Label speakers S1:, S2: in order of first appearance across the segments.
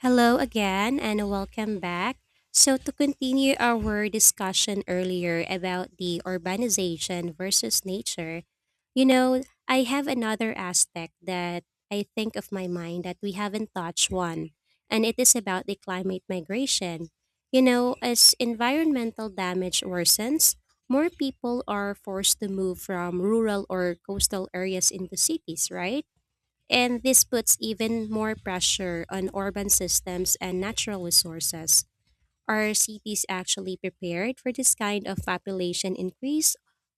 S1: Hello again and welcome back. So, to continue our discussion earlier about the urbanization versus nature, you know, I have another aspect that I think of my mind that we haven't touched one, and it is about the climate migration. You know, as environmental damage worsens, more people are forced to move from rural or coastal areas into cities, right? And this puts even more pressure on urban systems and natural resources. Are cities actually prepared for this kind of population increase,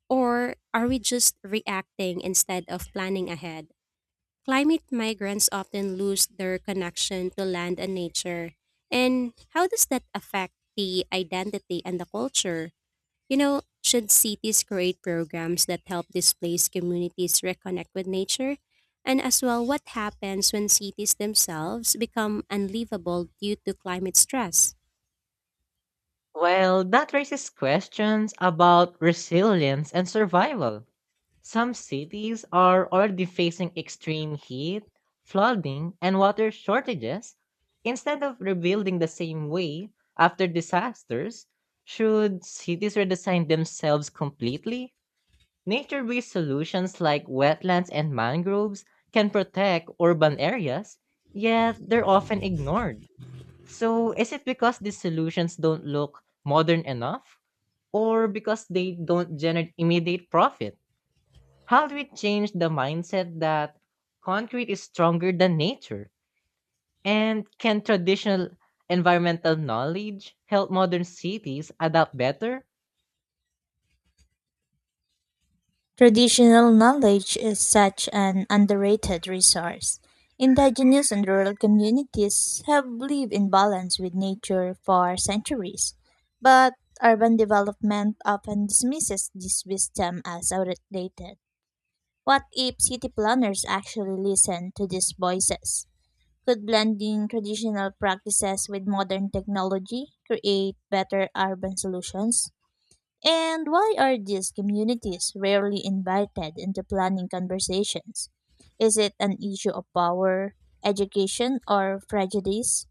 S1: or are we just reacting instead of planning ahead? Climate migrants often lose their connection to land and nature. And how does that affect the identity and the culture? You know, should cities create programs that help displaced communities reconnect with nature? And as well, what happens when cities themselves become unlivable due to climate stress?
S2: Well, that raises questions about resilience and survival. Some cities are already facing extreme heat, flooding, and water shortages. Instead of rebuilding the same way after disasters, should cities redesign themselves completely? Nature based solutions like wetlands and mangroves can protect urban areas, yet they're often ignored. So, is it because these solutions don't look modern enough or because they don't generate immediate profit? How do we change the mindset that concrete is stronger than nature? And can traditional environmental knowledge help modern cities adapt better?
S3: Traditional knowledge is such an underrated resource. Indigenous and rural communities have lived in balance with nature for centuries, but urban development often dismisses this wisdom as outdated. What if city planners actually listen to these voices? Could blending traditional practices with modern technology create better urban solutions? And why are these communities rarely invited into planning conversations? Is it an issue of power, education, or prejudice?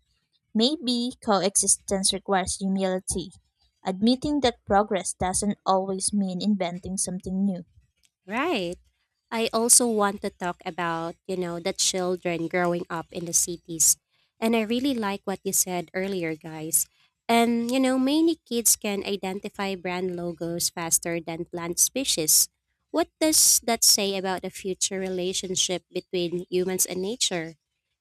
S3: Maybe coexistence requires humility, admitting that progress doesn't always mean inventing something new.
S1: Right. I also want to talk about, you know, the children growing up in the cities. And I really like what you said earlier, guys. And, you know, many kids can identify brand logos faster than plant species. What does that say about the future relationship between humans and nature?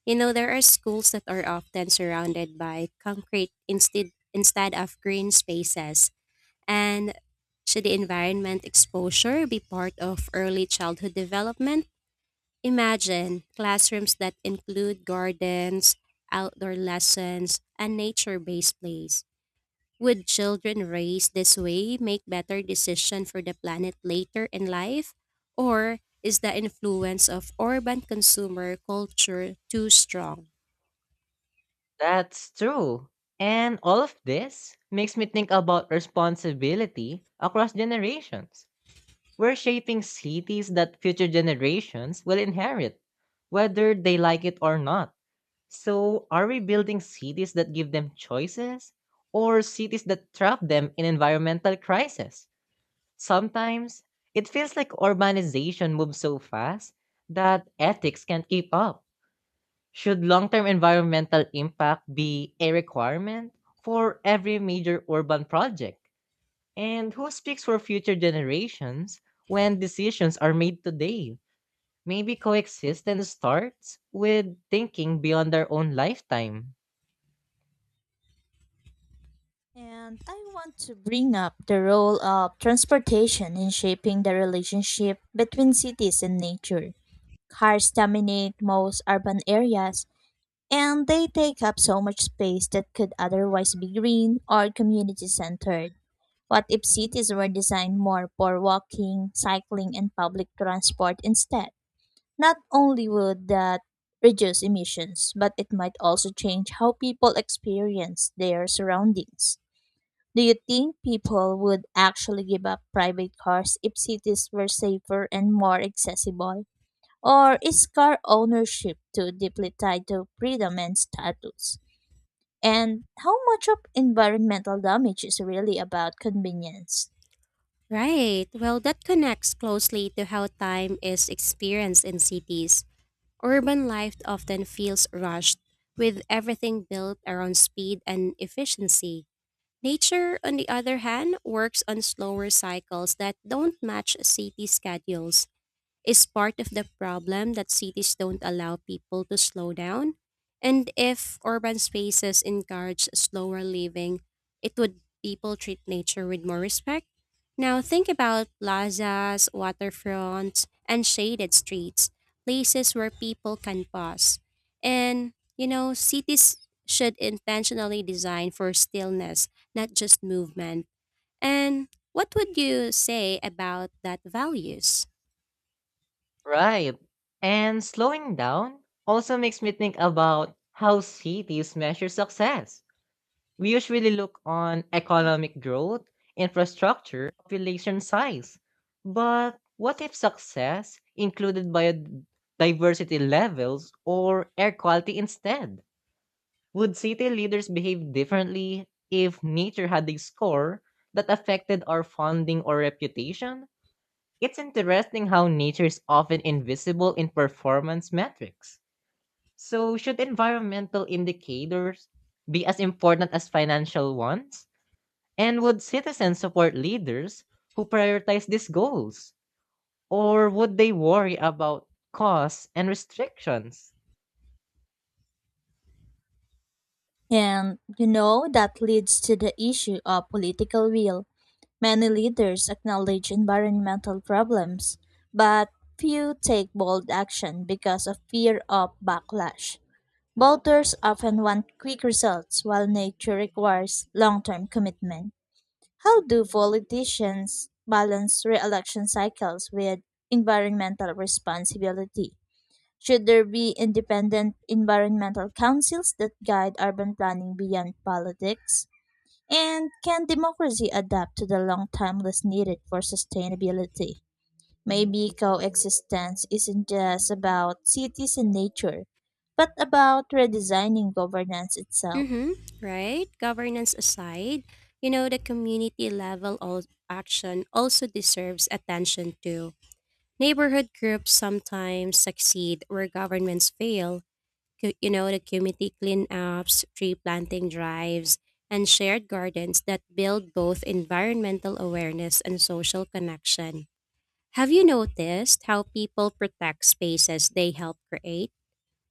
S1: You know, there are schools that are often surrounded by concrete instead of green spaces, and should the environment exposure be part of early childhood development? Imagine classrooms that include gardens, outdoor lessons, and nature based plays. Would children raised this way make better decisions for the planet later in life? Or is the influence of urban consumer culture too strong?
S2: That's true. And all of this makes me think about responsibility across generations. We're shaping cities that future generations will inherit, whether they like it or not. So, are we building cities that give them choices or cities that trap them in environmental crisis? Sometimes it feels like urbanization moves so fast that ethics can't keep up. Should long term environmental impact be a requirement for every major urban project? And who speaks for future generations when decisions are made today? Maybe coexistence starts with thinking beyond our own lifetime.
S3: And I want to bring up the role of transportation in shaping the relationship between cities and nature. Cars dominate most urban areas, and they take up so much space that could otherwise be green or community centered. What if cities were designed more for walking, cycling, and public transport instead? Not only would that reduce emissions, but it might also change how people experience their surroundings. Do you think people would actually give up private cars if cities were safer and more accessible? Or is car ownership too deeply tied to freedom and status? And how much of environmental damage is really about convenience.
S1: Right. Well, that connects closely to how time is experienced in cities. Urban life often feels rushed, with everything built around speed and efficiency. Nature, on the other hand, works on slower cycles that don't match city schedules. Is part of the problem that cities don't allow people to slow down? And if urban spaces encourage slower living, it would people treat nature with more respect. Now think about plazas, waterfronts, and shaded streets, places where people can pause. And you know, cities should intentionally design for stillness, not just movement. And what would you say about that values?
S2: Right. And slowing down also makes me think about how cities measure success. We usually look on economic growth, infrastructure, population size. But what if success included biodiversity levels or air quality instead? Would city leaders behave differently if nature had a score that affected our funding or reputation? It's interesting how nature is often invisible in performance metrics. So, should environmental indicators be as important as financial ones? And would citizens support leaders who prioritize these goals? Or would they worry about costs and restrictions?
S3: And you know, that leads to the issue of political will. Many leaders acknowledge environmental problems, but few take bold action because of fear of backlash. Voters often want quick results, while nature requires long term commitment. How do politicians balance re election cycles with environmental responsibility? Should there be independent environmental councils that guide urban planning beyond politics? And can democracy adapt to the long timeless needed for sustainability? Maybe coexistence isn't just about cities and nature, but about redesigning governance itself.
S1: Mm-hmm, right? Governance aside, you know, the community level action also deserves attention too. Neighborhood groups sometimes succeed where governments fail. You know, the community cleanups, tree planting drives, and shared gardens that build both environmental awareness and social connection. Have you noticed how people protect spaces they help create?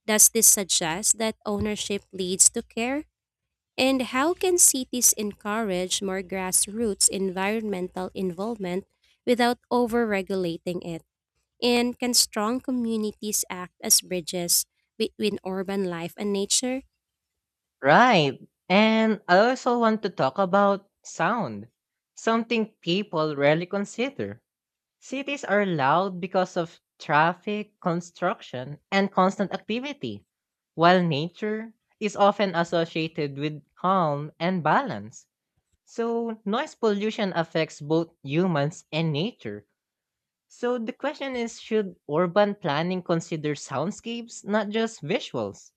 S1: Does this suggest that ownership leads to care? And how can cities encourage more grassroots environmental involvement without overregulating it? And can strong communities act as bridges between urban life and nature?
S2: Right. And I also want to talk about sound, something people rarely consider. Cities are loud because of traffic, construction, and constant activity, while nature is often associated with calm and balance. So, noise pollution affects both humans and nature. So, the question is should urban planning consider soundscapes, not just visuals?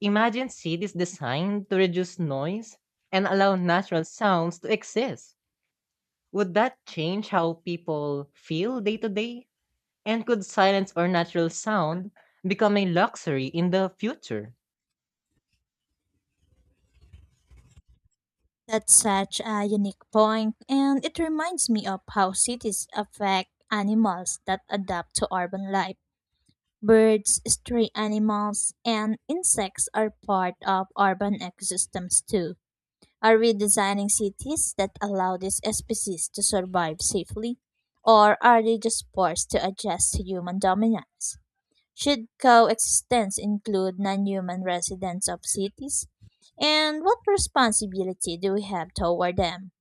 S2: Imagine cities designed to reduce noise and allow natural sounds to exist. Would that change how people feel day to day? And could silence or natural sound become a luxury in the future?
S3: That's such a unique point, and it reminds me of how cities affect animals that adapt to urban life. Birds, stray animals, and insects are part of urban ecosystems too. Are we designing cities that allow these species to survive safely? Or are they just forced to adjust to human dominance? Should coexistence include non human residents of cities? And what responsibility do we have toward them?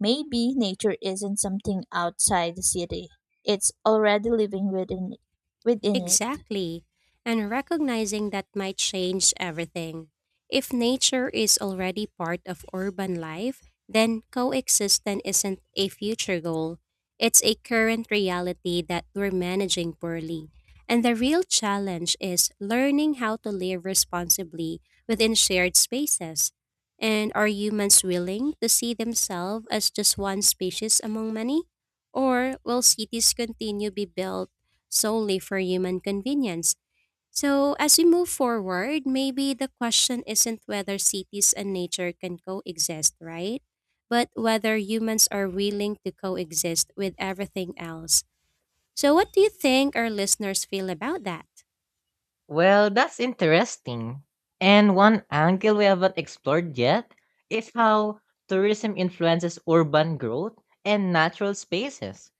S3: Maybe nature isn't something outside the city, it's already living within it.
S1: Exactly. And recognizing that might change everything. If nature is already part of urban life, then coexistence isn't a future goal. It's a current reality that we're managing poorly. And the real challenge is learning how to live responsibly within shared spaces. And are humans willing to see themselves as just one species among many? Or will cities continue to be built solely for human convenience? So, as we move forward, maybe the question isn't whether cities and nature can coexist, right? But whether humans are willing to coexist with everything else. So, what do you think our listeners feel about that?
S2: Well, that's interesting. And one angle we haven't explored yet is how tourism influences urban growth and natural spaces.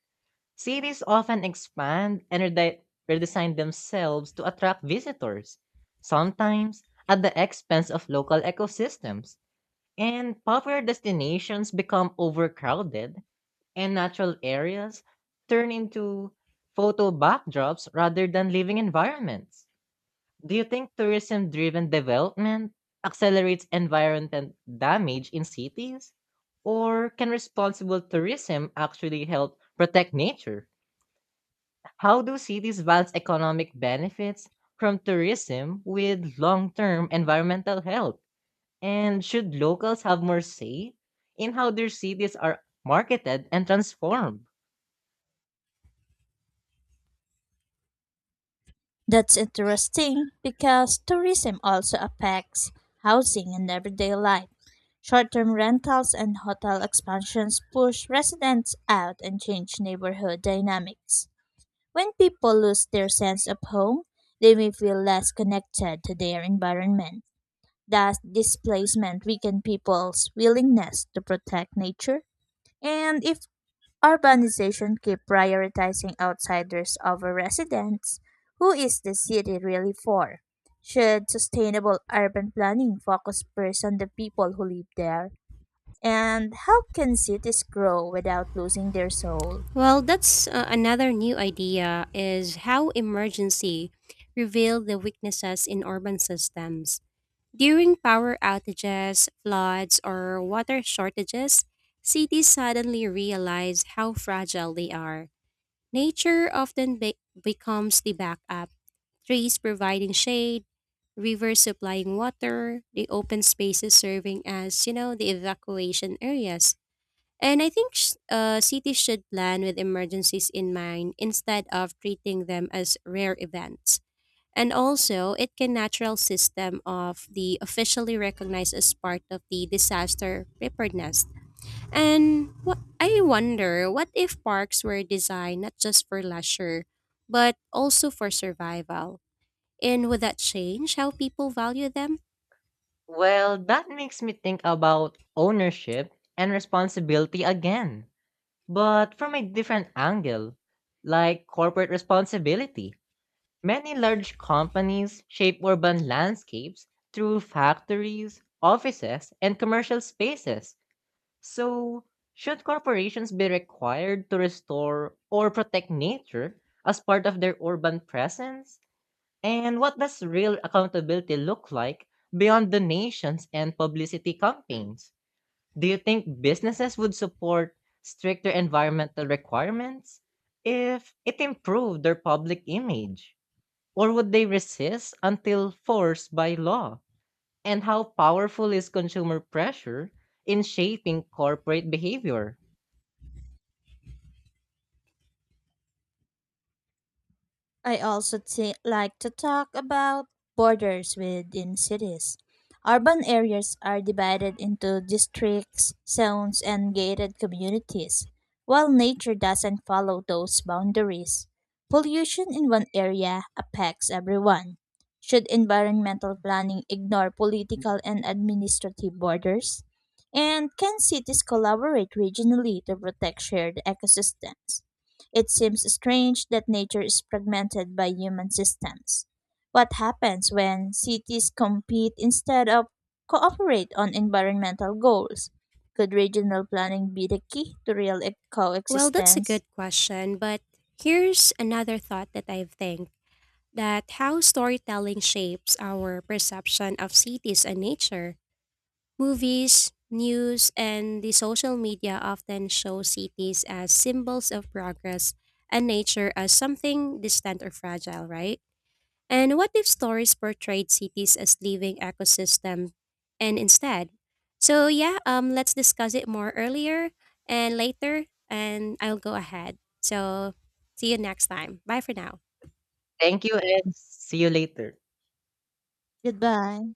S2: Cities often expand and redesign themselves to attract visitors, sometimes at the expense of local ecosystems. And popular destinations become overcrowded, and natural areas turn into photo backdrops rather than living environments. Do you think tourism driven development accelerates environmental damage in cities? Or can responsible tourism actually help protect nature? How do cities balance economic benefits from tourism with long term environmental health? And should locals have more say in how their cities are marketed and transformed?
S3: That's interesting because tourism also affects housing and everyday life. Short-term rentals and hotel expansions push residents out and change neighborhood dynamics. When people lose their sense of home, they may feel less connected to their environment. Does displacement weaken people's willingness to protect nature? And if urbanization keep prioritizing outsiders over residents. Who is the city really for? Should sustainable urban planning focus first on the people who live there? And how can cities grow without losing their soul?
S1: Well, that's another new idea is how emergency revealed the weaknesses in urban systems. During power outages, floods, or water shortages, cities suddenly realize how fragile they are. Nature often becomes the backup, trees providing shade, rivers supplying water, the open spaces serving as, you know, the evacuation areas. And I think cities should plan with emergencies in mind instead of treating them as rare events. And also, it can natural system of the officially recognized as part of the disaster preparedness. And what I wonder, what if parks were designed not just for leisure, but also for survival? And would that change how people value them?
S2: Well, that makes me think about ownership and responsibility again, but from a different angle, like corporate responsibility. Many large companies shape urban landscapes through factories, offices, and commercial spaces. So, should corporations be required to restore or protect nature as part of their urban presence? And what does real accountability look like beyond donations and publicity campaigns? Do you think businesses would support stricter environmental requirements if it improved their public image? Or would they resist until forced by law? And how powerful is consumer pressure in shaping corporate behavior?
S3: I also like to talk about borders within cities. Urban areas are divided into districts, zones, and gated communities, while nature doesn't follow those boundaries. Pollution in one area affects everyone. Should environmental planning ignore political and administrative borders? And can cities collaborate regionally to protect shared ecosystems? It seems strange that nature is fragmented by human systems. What happens when cities compete instead of cooperate on environmental goals? Could regional planning be the key to real e-
S1: Well, that's a
S3: coexistence?
S1: good question, but here's another thought that I think that how storytelling shapes our perception of cities and nature. Movies, news, and the social media often show cities as symbols of progress and nature as something distant or fragile, right? And what if stories portrayed cities as living ecosystem and instead? So yeah, let's discuss it more earlier and later and I'll go ahead. So see you next time. Bye for now.
S2: Thank you and see you later.
S3: Goodbye.